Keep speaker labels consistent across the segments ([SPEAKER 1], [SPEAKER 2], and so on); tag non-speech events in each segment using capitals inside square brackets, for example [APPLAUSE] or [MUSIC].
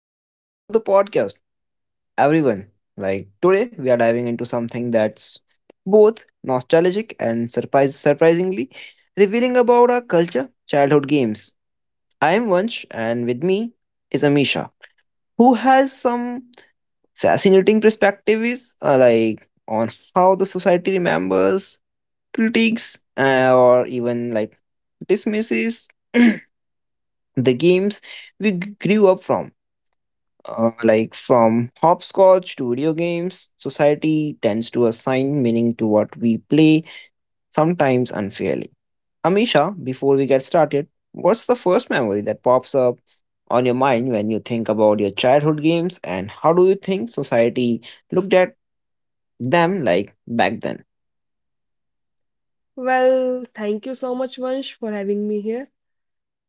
[SPEAKER 1] welcome back to the podcast, everyone. Today, we are diving into something that's both nostalgic and surprisingly revealing about our culture, childhood games. I am Vansh, and with me is Amisha, who has some fascinating perspectives, on how the society remembers, critiques, or even dismisses [CLEARS THROAT] the games we grew up from. From hopscotch to video games, society tends to assign meaning to what we play, sometimes unfairly. Amisha, before we get started, what's the first memory that pops up on your mind when you think about your childhood games, and how do you think society looked at them like back then?
[SPEAKER 2] Well, thank you so much, Vansh, for having me here.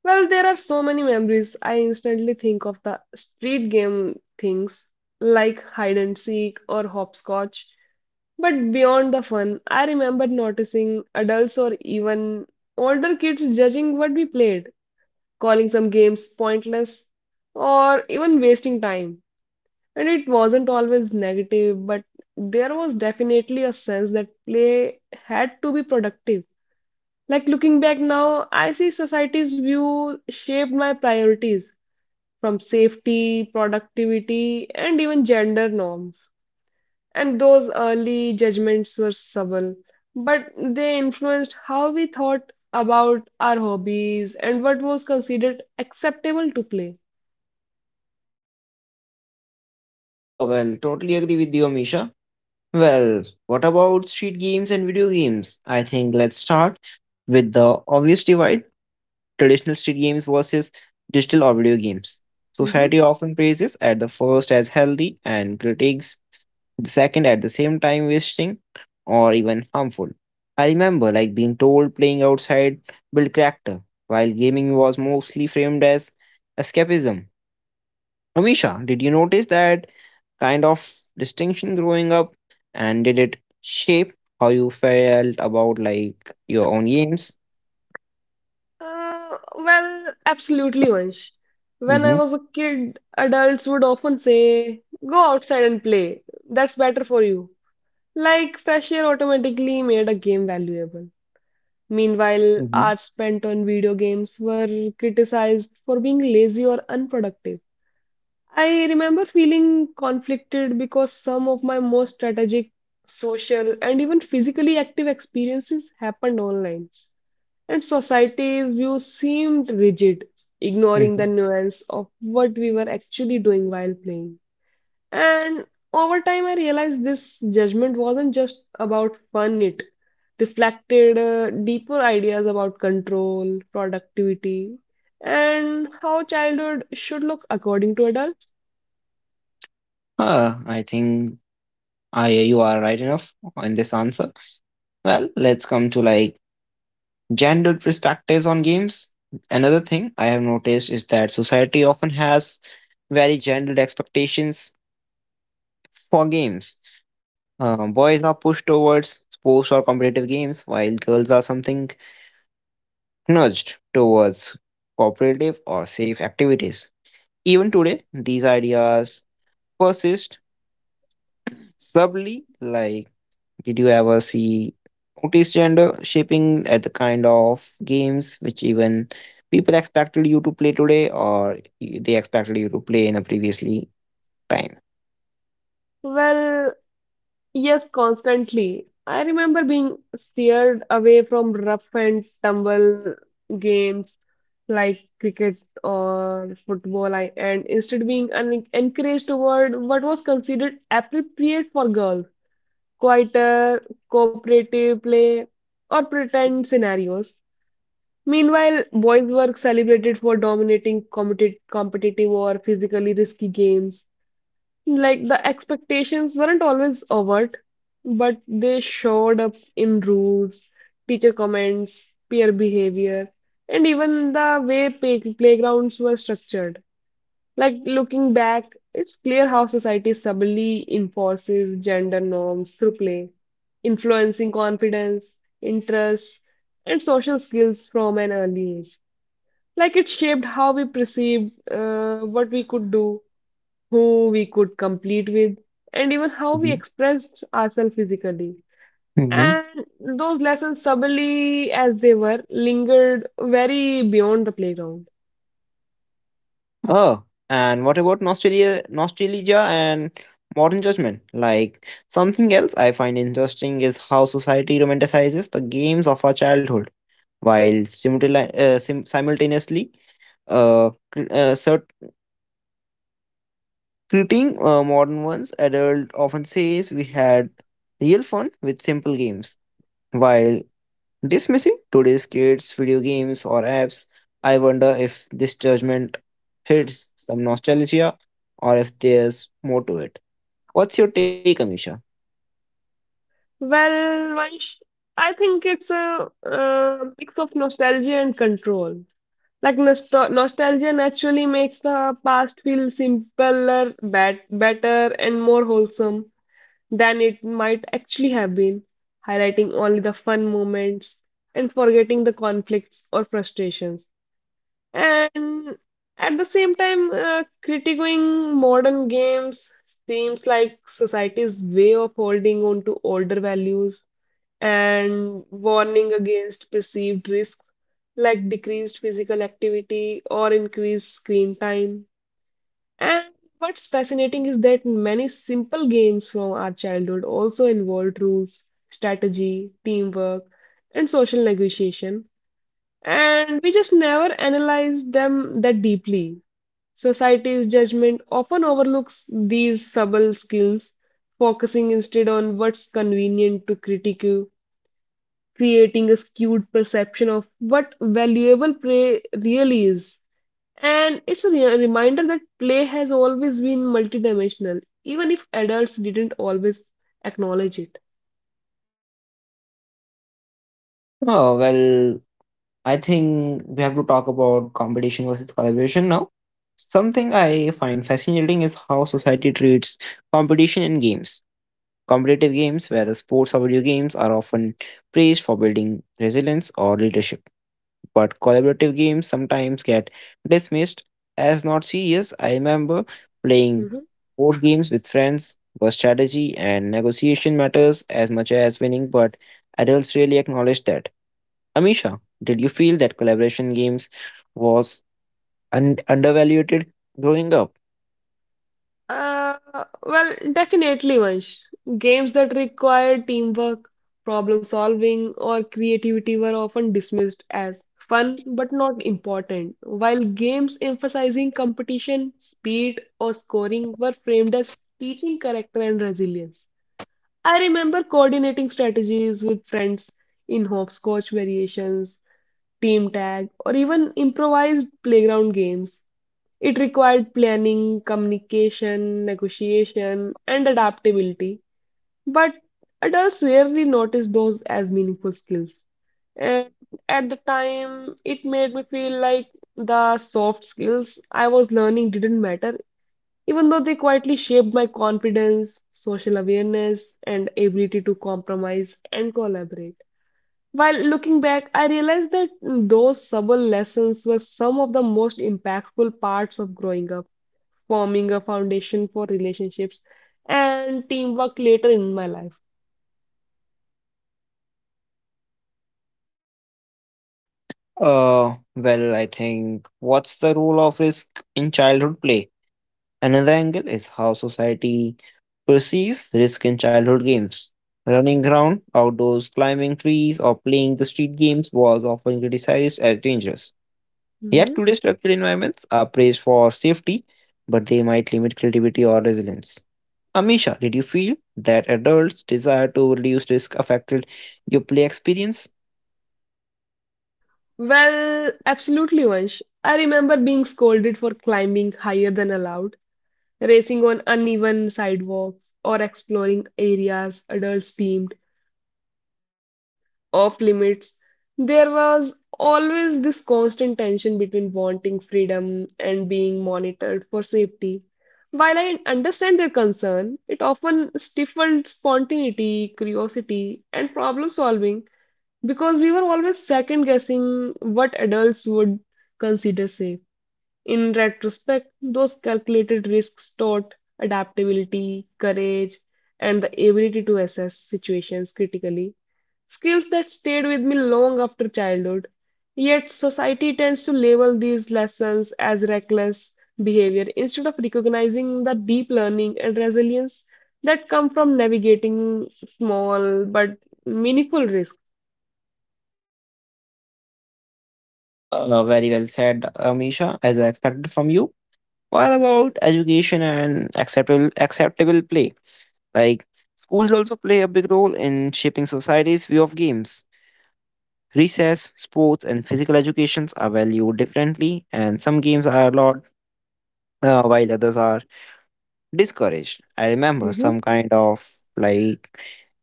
[SPEAKER 2] Well, there are so many memories. I instantly think of the street game things like hide and seek or hopscotch. But beyond the fun, I remember noticing adults or even older kids judging what we played, calling some games pointless or even wasting time. And it wasn't always negative, but there was definitely a sense that play had to be productive like looking back now, I see society's view shaped my priorities from safety, productivity, and even gender norms. And those early judgments were subtle, but they influenced how we thought about our hobbies and what was considered acceptable to play.
[SPEAKER 1] Oh, well, totally agree with you, Amisha. Well, what about street games and video games? I think let's start with the obvious divide, traditional street games versus digital or video games.
[SPEAKER 2] Mhm.
[SPEAKER 1] Society often praises at the first as healthy and critiques the second at the same time wasting or even harmful. I remember like being told playing outside built character, while gaming was mostly framed as escapism. Amisha, did you notice that kind of distinction growing up and did it shape how you felt about like your own games?
[SPEAKER 2] Well, absolutely, Vansh. When I
[SPEAKER 1] Mm-hmm.
[SPEAKER 2] was a kid, adults would often say, "Go outside and play. That's better for you." Like cashier automatically made a game valuable. Meanwhile,
[SPEAKER 1] Mm-hmm.
[SPEAKER 2] hours spent on video games were criticized for being lazy or unproductive. I remember feeling conflicted because some of my most strategic, social, and even physically active experiences happened online, and society's view seemed rigid, ignoring the nuance of what we were actually doing while playing. And over time, I realized this judgment wasn't just about fun, it reflected deeper ideas about control, productivity, and how childhood should look according to adults.
[SPEAKER 1] I think I you are right enough in this answer. Well, let's come to like gendered perspectives on games. Another thing I have noticed is that society often has very gendered expectations for games. Boys are pushed towards sports or competitive games, while girls are something nudged towards cooperative or safe activities. Even today, these ideas persist subtly. Like, did you ever see notice gender shaping at the kind of games which even people expected you to play today or they expected you to play in a previously time?
[SPEAKER 2] Well, yes, constantly. I remember being steered away from rough and tumble games like cricket or football, and instead being encouraged toward what was considered appropriate for girls. Quieter, cooperative play, or pretend scenarios. Meanwhile, boys were celebrated for dominating competitive or physically risky games. Like the expectations weren't always overt, but they showed up in rules, teacher comments, peer behavior, and even the way playgrounds were structured. Like looking back, it's clear how society subtly enforces gender norms through play, influencing confidence, interests, and social skills from an early age. Like it shaped how we perceived what we could do, who we could compete with, and even how we
[SPEAKER 1] Mhm.
[SPEAKER 2] expressed ourselves physically.
[SPEAKER 1] Hmm.
[SPEAKER 2] And those lessons, subtly as they were, lingered very beyond the playground.
[SPEAKER 1] Oh, and what about nostalgia and modern judgment? Like, something else I find interesting is how society romanticizes the games of our childhood, while simultaneously, uh, cr- uh, cert- treating modern ones. Adult often says we had real fun with simple games, while dismissing today's kids, video games, or apps. I wonder if this judgment hits some nostalgia or if there's more to it. What's your take, Amisha?
[SPEAKER 2] Well, Vansh, I think it's a mix of nostalgia and control. Like nostalgia naturally makes the past feel simpler, better, and more wholesome than it might actually have been, highlighting only the fun moments and forgetting the conflicts or frustrations. And at the same time, critiquing modern games seems like society's way of holding on to older values and warning against perceived risks like decreased physical activity or increased screen time. And what's fascinating is that many simple games from our childhood also involved rules, strategy, teamwork, and social negotiation. And we just never analyzed them that deeply. Society's judgment often overlooks these subtle skills, focusing instead on what's convenient to critique creating a skewed perception of what valuable play really is. And it's a reminder that play has always been multidimensional, even if adults didn't always acknowledge it.
[SPEAKER 1] Oh, well, I think we have to talk about competition versus collaboration now. Something I find fascinating is how society treats competition in games. Competitive games where the sports or video games are often praised for building resilience or leadership, but collaborative games sometimes get dismissed as not serious. I remember playing
[SPEAKER 2] Mm-hmm.
[SPEAKER 1] board games with friends where strategy and negotiation matters as much as winning, but adults really acknowledge that. Amisha, did you feel that collaboration games was undervalued growing up?
[SPEAKER 2] Uh, well, definitely, Vansh. Games that required teamwork, problem solving, or creativity were often dismissed as fun but not important, while games emphasizing competition, speed, or scoring were framed as teaching character and resilience. I remember coordinating strategies with friends in hopscotch variations, team tag, or even improvised playground games. It required planning, communication, negotiation, and adaptability, but adults rarely notice those as meaningful skills. And at the time, it made me feel like the soft skills I was learning didn't matter, even though they quietly shaped my confidence, social awareness, and ability to compromise and collaborate. While looking back, I realized that those subtle lessons were some of the most impactful parts of growing up forming a foundation for relationships and teamwork later in my life.
[SPEAKER 1] Well, I think what's the role of risk in childhood play? Another angle is how society perceives risk in childhood games. Running around outdoors, climbing trees, or playing the street games was often criticized as dangerous. Yet
[SPEAKER 2] Mhm.
[SPEAKER 1] today's structured environments are praised for safety, but they might limit creativity or resilience. Amisha, did you feel that adults' desire to reduce risk affected your play experience?
[SPEAKER 2] Well, absolutely, Vansh. I remember being scolded for climbing higher than allowed, racing on uneven sidewalks, or exploring areas adults deemed off limits. There was always this constant tension between wanting freedom and being monitored for safety. While I understand their concern, it often stifled spontaneity, curiosity, and problem solving because we were always second guessing what adults would consider safe. In retrospect, those calculated risks taught adaptability, courage, and the ability to assess situations critically, skills that stayed with me long after childhood. Yet, society tends to label these lessons as reckless behavior instead of recognizing the deep learning and resilience that come from navigating small but meaningful risks.
[SPEAKER 1] Very well said, Amisha, as I expected from you. What about education and acceptable play? Like, schools also play a big role in shaping society's view of games. Recess, sports, and physical educations are valued differently, and some games are allowed while others are discouraged. I remember
[SPEAKER 2] Mhm,
[SPEAKER 1] like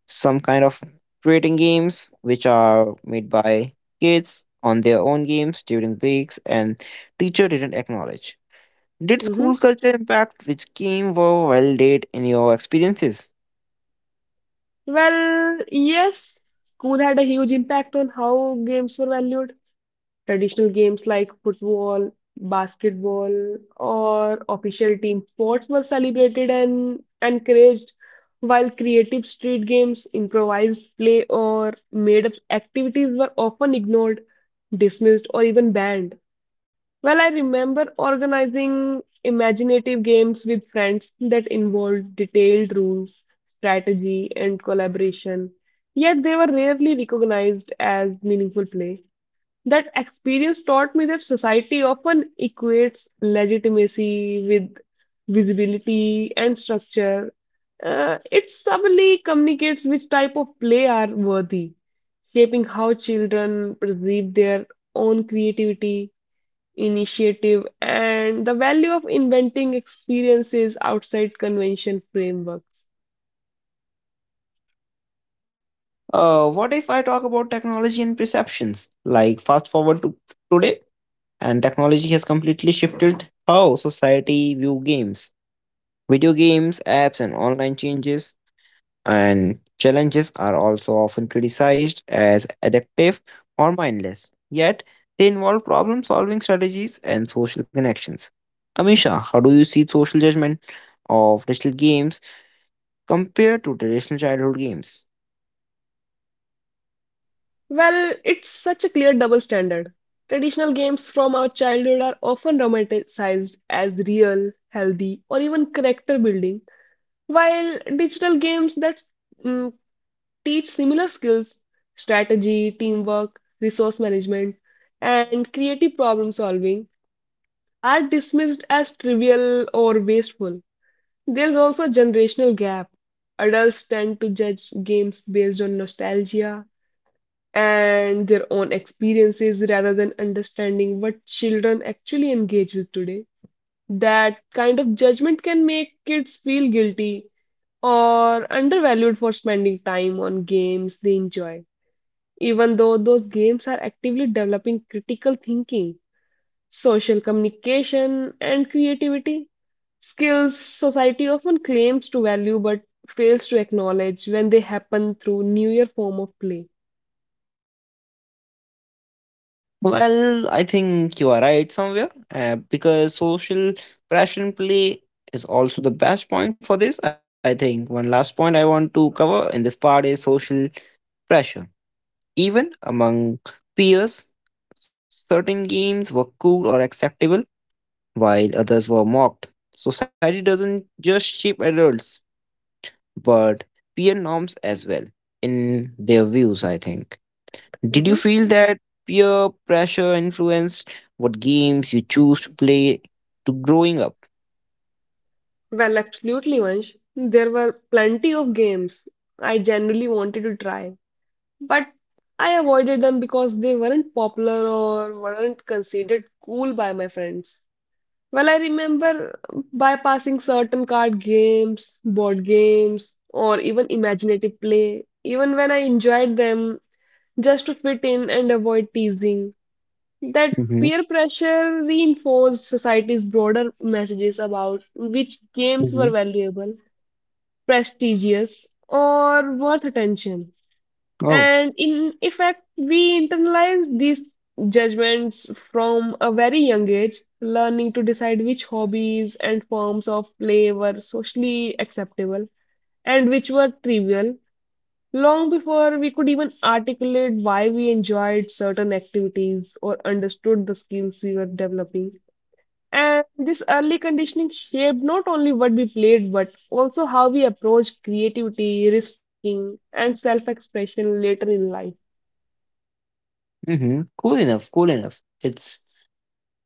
[SPEAKER 1] some kind of creating games which are made by kids on their own games during breaks, and teacher didn't acknowledge. Did
[SPEAKER 2] mhm.
[SPEAKER 1] school culture impact which came were valid in your experiences?
[SPEAKER 2] Well, yes, school had a huge impact on how games were valued. Traditional games like football, basketball, or official team sports were celebrated and encouraged, while creative street games, improvised play, or made-up activities were often ignored, dismissed, or even banned. Well, I remember organizing imaginative games with friends that involved detailed rules, strategy, and collaboration, yet they were rarely recognized as meaningful play. That experience taught me that society often equates legitimacy with visibility and structure. It subtly communicates which type of play are worthy, shaping how children perceive their own creativity initiative, and the value of inventing experiences outside convention frameworks.
[SPEAKER 1] What if I talk about technology and perceptions? Like, fast forward to today, and technology has completely shifted how society view games. Video games, apps, and online changes and challenges are also often criticized as addictive or mindless. Yet they involve problem-solving strategies and social connections. Amisha, how do you see social judgment of digital games compared to traditional childhood games?
[SPEAKER 2] Well, it's such a clear double standard. Traditional games from our childhood are often romanticized as real, healthy, or even character building, while digital games that mm, teach similar skills, strategy, teamwork, resource management, and creative problem solving, are dismissed as trivial or wasteful. There's also a generational gap. Adults tend to judge games based on nostalgia and their own experiences rather than understanding what children actually engage with today. That kind of judgment can make kids feel guilty or undervalued for spending time on games they enjoy, even though those games are actively developing critical thinking social communication, and creativity. Skills society often claims to value but fails to acknowledge when they happen through newer form of play.
[SPEAKER 1] Well, I think you are right somewhere because social pressure in play is also the best point for this. I think one last point I want to cover in this part is social pressure. Even among peers, certain games were cool or acceptable while others were mocked. Society doesn't just shape adults but peer norms as well in their views, I think. Did you feel
[SPEAKER 2] Mhm.
[SPEAKER 1] that peer pressure influenced what games you choose to play to growing up?
[SPEAKER 2] Well, absolutely, Vansh. There were plenty of games I generally wanted to try, but I avoided them because they weren't popular or weren't considered cool by my friends. Well, I remember bypassing certain card games, board games, or even imaginative play, even when I enjoyed them, just to fit in and avoid teasing. That
[SPEAKER 1] Mm-hmm.
[SPEAKER 2] peer pressure reinforced society's broader messages about which games
[SPEAKER 1] Mm-hmm.
[SPEAKER 2] were valuable, prestigious, or worth attention.
[SPEAKER 1] Oh,
[SPEAKER 2] And in effect, we internalize these judgments from a very young age, learning to decide which hobbies and forms of play were socially acceptable and which were trivial, long before we could even articulate why we enjoyed certain activities or understood the skills we were developing. And this early conditioning shaped not only what we played, but also how we approached creativity, risk taking, and self expression later in life.
[SPEAKER 1] mm-hmm. Cool enough, cool enough. It's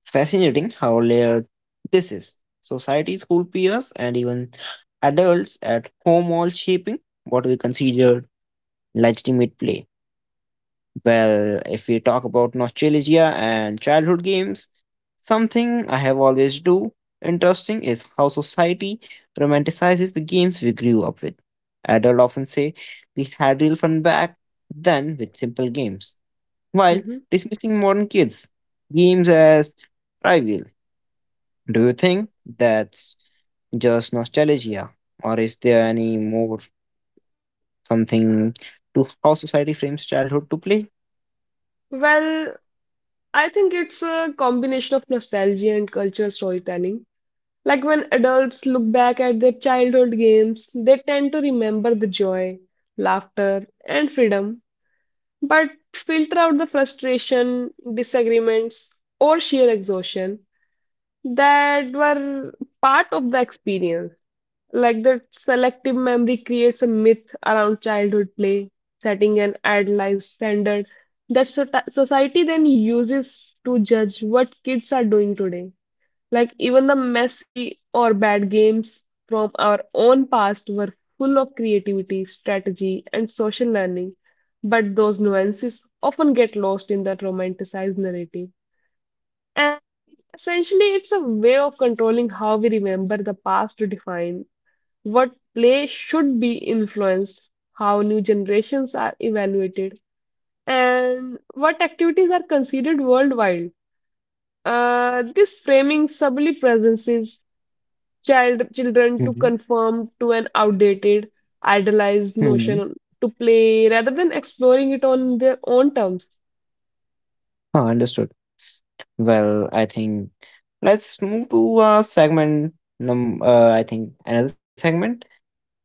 [SPEAKER 1] fascinating how layered this is. Society, school peers, and even adults at home all shaping what we consider legitimate play. Well, if we talk about nostalgia and childhood games, something I have always do interesting is how society romanticizes the games we grew up with. Adults often say we had real fun back then with simple games, while
[SPEAKER 2] Mhm.
[SPEAKER 1] dismissing modern kids games as trivial. Do you think that's just nostalgia, or is there any more something to how society frames childhood to play?
[SPEAKER 2] Well, I think it's a combination of nostalgia and culture storytelling. Like when adults look back at their childhood games, they tend to remember the joy, laughter, and freedom, but filter out the frustration, disagreements, or sheer exhaustion that were part of the experience. Like that selective memory creates a myth around childhood play, setting an idealized standard that so society then uses to judge what kids are doing today. Like even the messy or bad games from our own past were full of creativity, strategy, and social learning, but those nuances often get lost in that romanticized narrative. And essentially, it's a way of controlling how we remember the past to define what play should be influenced, how new generations are evaluated, and what activities are considered worldwide. This framing subtly presences children to conform to an outdated, idealized notion
[SPEAKER 1] Mhm.
[SPEAKER 2] to play rather than exploring it on their own terms.
[SPEAKER 1] Ah, understood. Well, I think let's move to segment. I think another segment.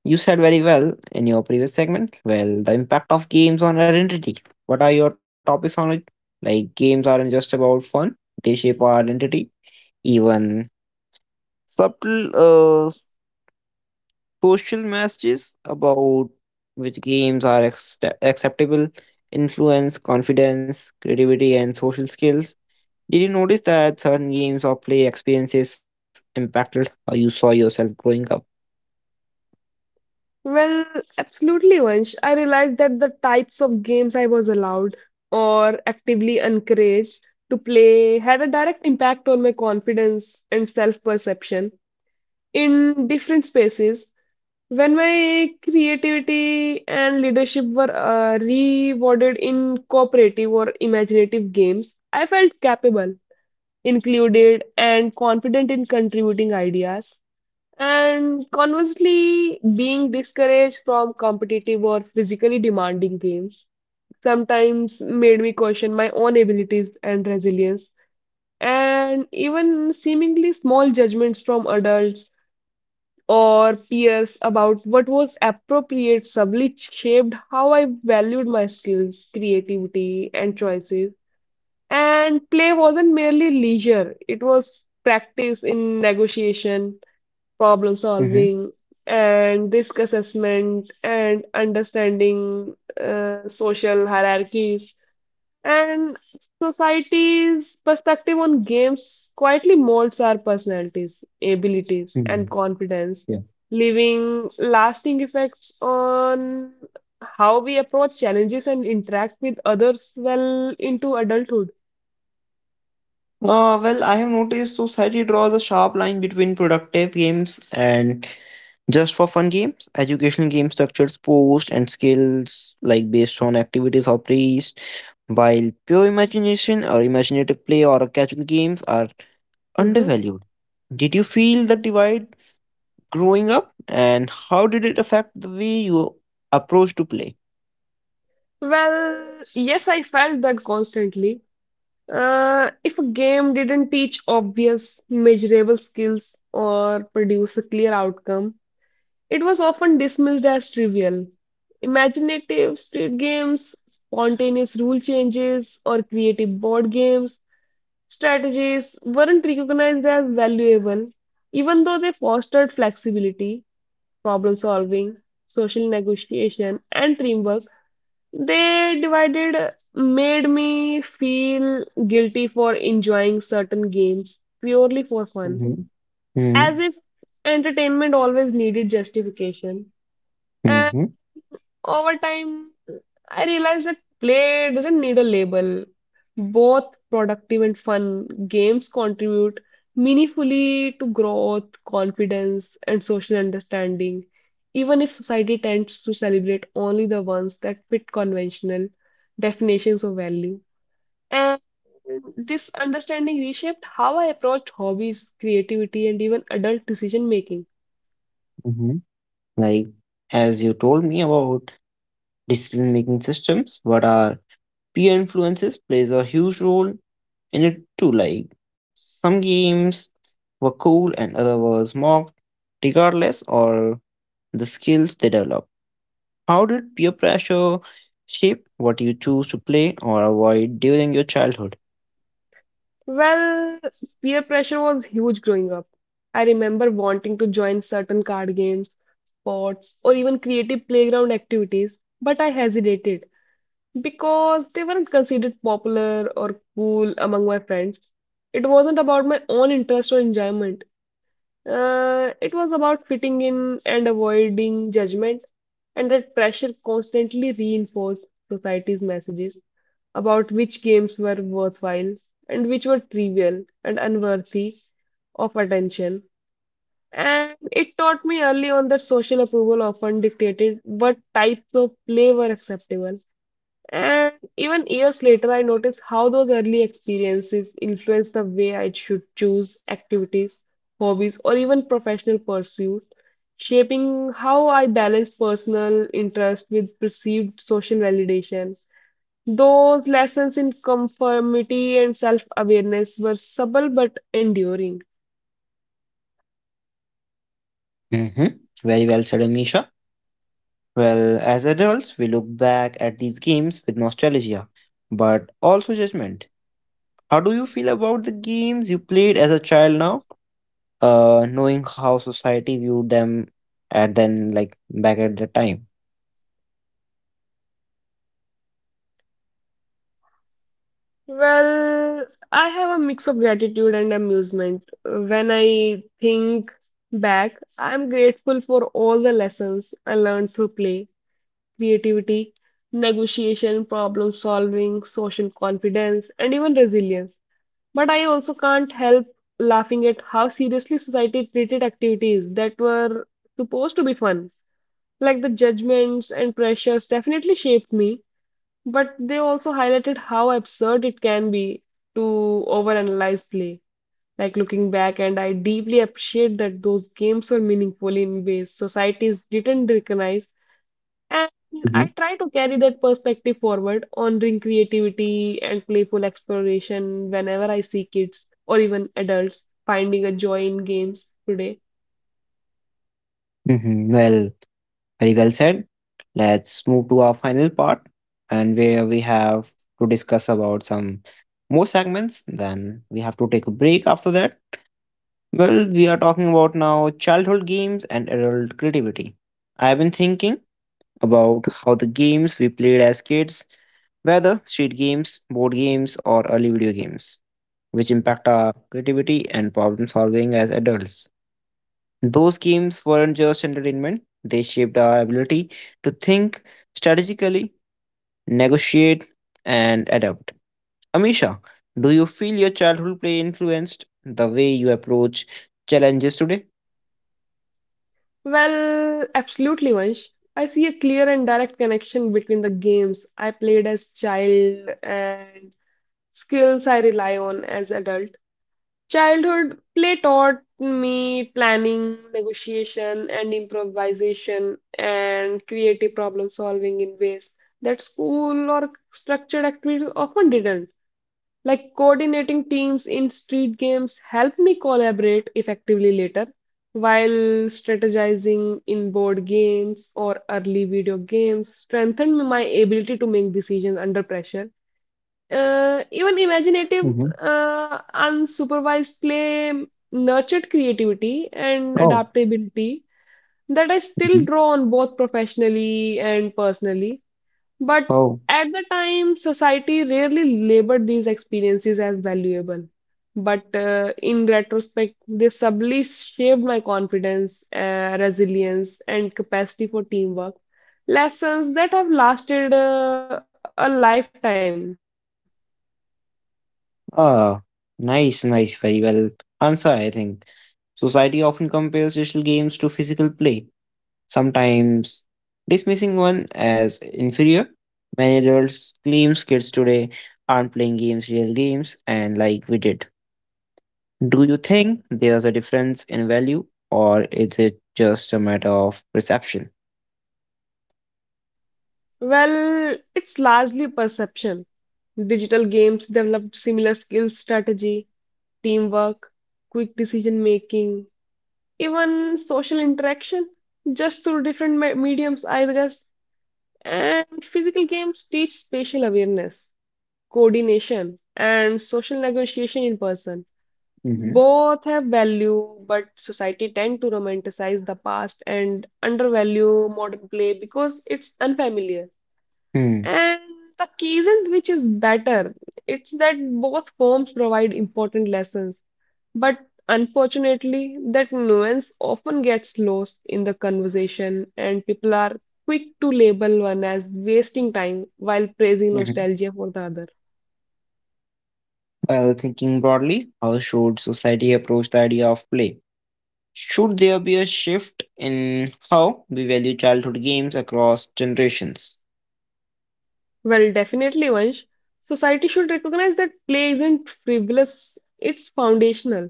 [SPEAKER 1] You said very well in your previous segment. Well, the impact of games on identity. What are your topics on it? Like, games aren't just about fun, they shape our identity. Even subtle social messages about which games are acceptable influence confidence, creativity, and social skills. Did you notice that certain games or play experiences impacted how you saw yourself growing up?
[SPEAKER 2] Well, absolutely, Vansh. I realized that the types of games I was allowed or actively encouraged to play had a direct impact on my confidence and self-perception in different spaces. When my creativity and leadership were rewarded in cooperative or imaginative games, I felt capable, included, and confident in contributing ideas. And conversely, being discouraged from competitive or physically demanding games sometimes made me question my own abilities and resilience. And even seemingly small judgments from adults or peers about what was appropriate subtly shaped how I valued my skills, creativity, and choices. And play wasn't merely leisure, it was practice in negotiation problem
[SPEAKER 1] Mm-hmm.
[SPEAKER 2] solving, and risk assessment, and understanding social hierarchies. And society's perspective on games quietly molds our personalities, abilities,
[SPEAKER 1] Hmm.
[SPEAKER 2] and confidence,
[SPEAKER 1] Yeah.
[SPEAKER 2] leaving lasting effects on how we approach challenges and interact with others well into adulthood.
[SPEAKER 1] Well, I have noticed society draws a sharp line between productive games and just for fun games. Educational game structures post and skills like based on activities or praised, while pure imagination or imaginative play or casual games are
[SPEAKER 2] Mhm.
[SPEAKER 1] undervalued. Did you feel the divide growing up, and how did it affect the way you approach to play?
[SPEAKER 2] Well, yes, I felt that constantly. If a game didn't teach obvious, measurable skills or produce a clear outcome, it was often dismissed as trivial. Imaginative street games, spontaneous rule changes, or creative board games strategies weren't recognized as valuable, even though they fostered flexibility, problem solving, social negotiation, and teamwork they divided made me feel guilty for enjoying certain games purely for fun,
[SPEAKER 1] Mhm,
[SPEAKER 2] as
[SPEAKER 1] mhm,
[SPEAKER 2] if entertainment always needed justification. And
[SPEAKER 1] mhm,
[SPEAKER 2] over time, I realized that play doesn't need a label. Both productive and fun games contribute meaningfully to growth, confidence, and social understanding, even if society tends to celebrate only the ones that fit conventional definitions of value. And this understanding reshaped how I approached hobbies, creativity, and even adult decision making.
[SPEAKER 1] mhm. Like, as you told me about decision-making systems, what are peer influences plays a huge role in it too. Like, some games were cool and other was mocked, regardless or the skills they develop. How did peer pressure shape what you choose to play or avoid during your childhood?
[SPEAKER 2] Well, peer pressure was huge growing up. I remember wanting to join certain card games, sports, or even creative playground activities, but I hesitated because they weren't considered popular or cool among my friends. It wasn't about my own interest or enjoyment. It was about fitting in and avoiding judgment, and that pressure constantly reinforced society's messages about which games were worthwhile and which were trivial and unworthy of attention. And it taught me early on that social approval often dictated what types of play were acceptable. And even years later, I noticed how those early experiences influenced the way I should choose activities, hobbies, or even professional pursuits, shaping how I balance personal interest with perceived social validation. Those lessons in conformity and self-awareness were subtle but enduring.
[SPEAKER 1] Hmm. Very well said, Amisha. Well, as adults, we look back at these games with nostalgia, but also judgment. How do you feel about the games you played as a child now, knowing how society viewed them at then, like back at the time?
[SPEAKER 2] Well, I have a mix of gratitude and amusement. When I think back, I'm grateful for all the lessons I learned through play, creativity, negotiation, problem solving, social confidence, and even resilience. But I also can't help laughing at how seriously society treated activities that were supposed to be fun. Like the judgments and pressures definitely shaped me, but they also highlighted how absurd it can be to overanalyze play. Like looking back, and I deeply appreciate that those games were meaningful in ways societies didn't recognize. And I
[SPEAKER 1] Hmm.
[SPEAKER 2] try to carry that perspective forward, honoring creativity and playful exploration whenever I see kids or even adults finding a joy in games today.
[SPEAKER 1] Hmm. Well, very well said. Let's move to our final part, and where we have to discuss about some more segments. Then we have to take a break after that. Well, we are talking about now childhood games and adult creativity. I've been thinking about how the games we played as kids, whether street games, board games, or early video games, which impact our creativity and problem solving as adults. Those games weren't just entertainment, they shaped our ability to think strategically, negotiate, and adapt. Amisha, do you feel your childhood play influenced the way you approach challenges today?
[SPEAKER 2] Well, absolutely, Vansh. I see a clear and direct connection between the games I played as child and skills I rely on as adult. Childhood play taught me planning, negotiation, and improvisation and creative problem solving in ways that school or structured activities often didn't. Like coordinating teams in street games helped me collaborate effectively later, while strategizing in board games or early video games strengthened my ability to make decisions under pressure. Even imaginative, unsupervised play nurtured creativity and
[SPEAKER 1] Oh,
[SPEAKER 2] adaptability that I still
[SPEAKER 1] mhm.
[SPEAKER 2] draw on both professionally and personally. But
[SPEAKER 1] Oh,
[SPEAKER 2] at the time, society rarely labored these experiences as valuable. But in retrospect, they subtly shaped my confidence, resilience, and capacity for teamwork. Lessons that have lasted a lifetime.
[SPEAKER 1] ah, nice, nice, very well answer, I think. Society often compares digital games to physical play, sometimes dismissing one as inferior. Many adults claims kids today aren't playing real games, and like we did. Do you think there's a difference in value, or is it just a matter of perception?
[SPEAKER 2] Well, it's largely perception. Digital games developed similar skills, strategy, teamwork, quick decision making, even social interaction, just through different mediums, I guess. And physical games teach spatial awareness, coordination, and social negotiation in person.
[SPEAKER 1] Mm-hmm.
[SPEAKER 2] Both have value, but society tend to romanticize the past and undervalue modern play because it's unfamiliar.
[SPEAKER 1] Hmm.
[SPEAKER 2] And the key isn't which is better, it's that both forms provide important lessons but unfortunately, that nuance often gets lost in the conversation, and people are quick to label one as wasting time while praising
[SPEAKER 1] Mhm.
[SPEAKER 2] nostalgia for the other.
[SPEAKER 1] Well, thinking broadly, how should society approach the idea of play? Should there be a shift in how we value childhood games across generations?
[SPEAKER 2] Well, definitely, Vansh. Society should recognize that play isn't frivolous, it's foundational.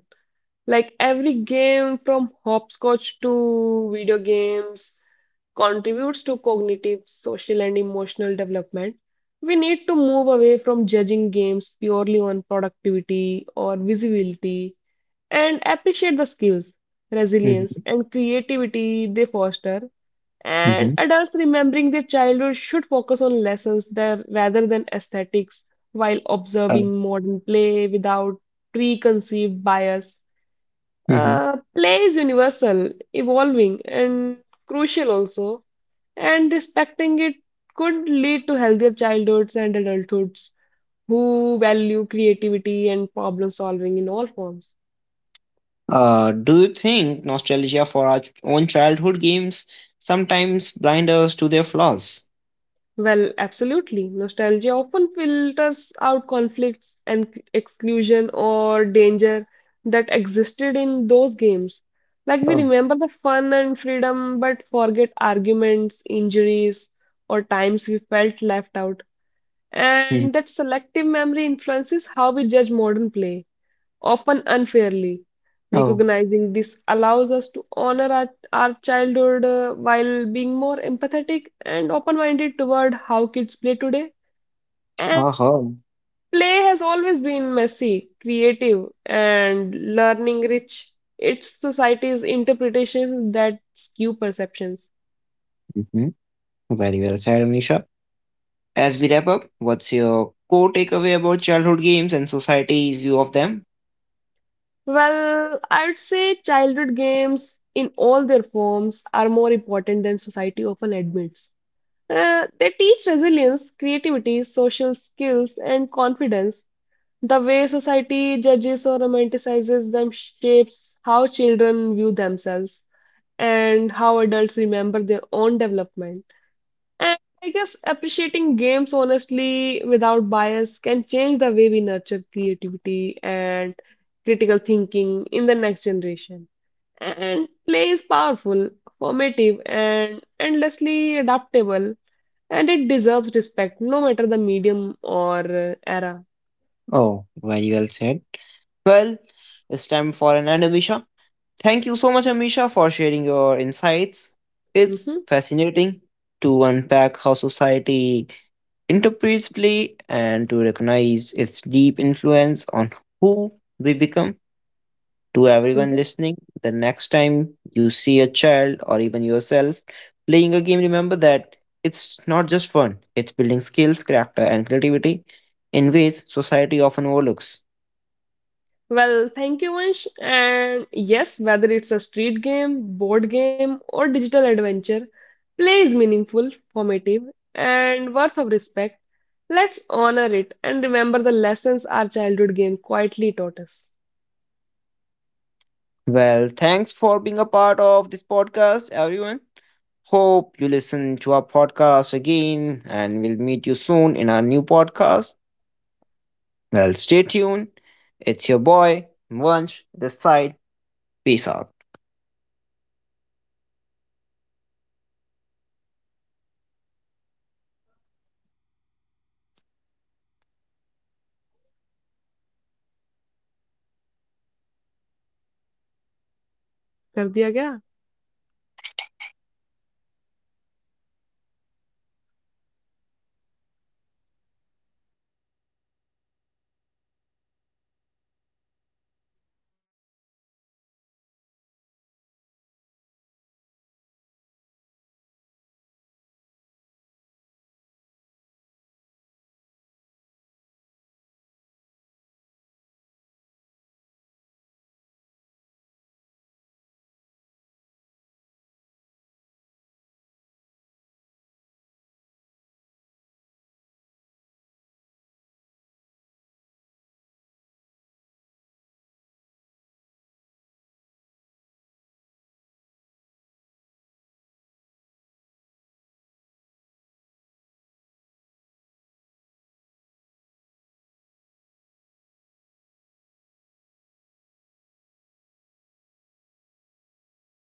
[SPEAKER 2] Like every game from hopscotch to video games contributes to cognitive, social, and emotional development, we need to move away from judging games purely on productivity or visibility and appreciate the skills, resilience,
[SPEAKER 1] Mhm,
[SPEAKER 2] and creativity they foster. And
[SPEAKER 1] mhm,
[SPEAKER 2] adults remembering their childhood should focus on lessons there rather than aesthetics while
[SPEAKER 1] uh,
[SPEAKER 2] observing modern play without preconceived bias.
[SPEAKER 1] mhm.
[SPEAKER 2] Play is universal, evolving, and crucial also and respecting it could lead to healthier childhoods and adulthoods who value creativity and problem solving in all forms.
[SPEAKER 1] Do you think nostalgia for our own childhood games sometimes blind us to their flaws?
[SPEAKER 2] Well, absolutely. Nostalgia often filters out conflicts and exclusion or danger that existed in those games. Like we
[SPEAKER 1] Oh,
[SPEAKER 2] remember the fun and freedom, but forget arguments, injuries, or times we felt left out.
[SPEAKER 1] mhm.
[SPEAKER 2] And that selective memory influences how we judge modern play, often unfairly.
[SPEAKER 1] Oh,
[SPEAKER 2] Recognizing this allows us to honor our childhood, while being more empathetic and open minded toward how kids play today. And
[SPEAKER 1] uh-huh.
[SPEAKER 2] play has always been messy, creative, and learning rich. It's society's interpretations that skew perceptions.
[SPEAKER 1] Mhm. Very well said, Amisha. As we wrap up, what's your core takeaway about childhood games and society's view of them?
[SPEAKER 2] Well, I would say childhood games in all their forms are more important than society often admits. They teach resilience, creativity, social skills, and confidence. The way society judges or romanticizes them shapes how children view themselves and how adults remember their own development. And I guess appreciating games honestly without bias can change the way we nurture creativity and critical thinking in the next generation. And play is powerful, formative, and endlessly adaptable and it deserves respect no matter the medium or era.
[SPEAKER 1] Oh, very well said. Well, it's time for an end, Amisha. Thank you so much, Amisha, for sharing your insights. It's
[SPEAKER 2] Hmm.
[SPEAKER 1] fascinating to unpack how society interprets play and to recognize its deep influence on who we become. To everyone
[SPEAKER 2] Hmm.
[SPEAKER 1] listening, the next time you see a child or even yourself playing a game, remember that it's not just fun, it's building skills, character, and creativity in ways society often overlooks.
[SPEAKER 2] Well, thank you, Vansh. And yes, whether it's a street game, board game, or digital adventure, play is meaningful, formative, and worth of respect. Let's honor it and remember the lessons our childhood game quietly taught us.
[SPEAKER 1] Well, thanks for being a part of this podcast, everyone. Hope you listen to our podcast again and we'll meet you soon in our new podcast. Well, stay tuned. It's your boy, Vansh, this side. Peace out.
[SPEAKER 2] कर दिया क्या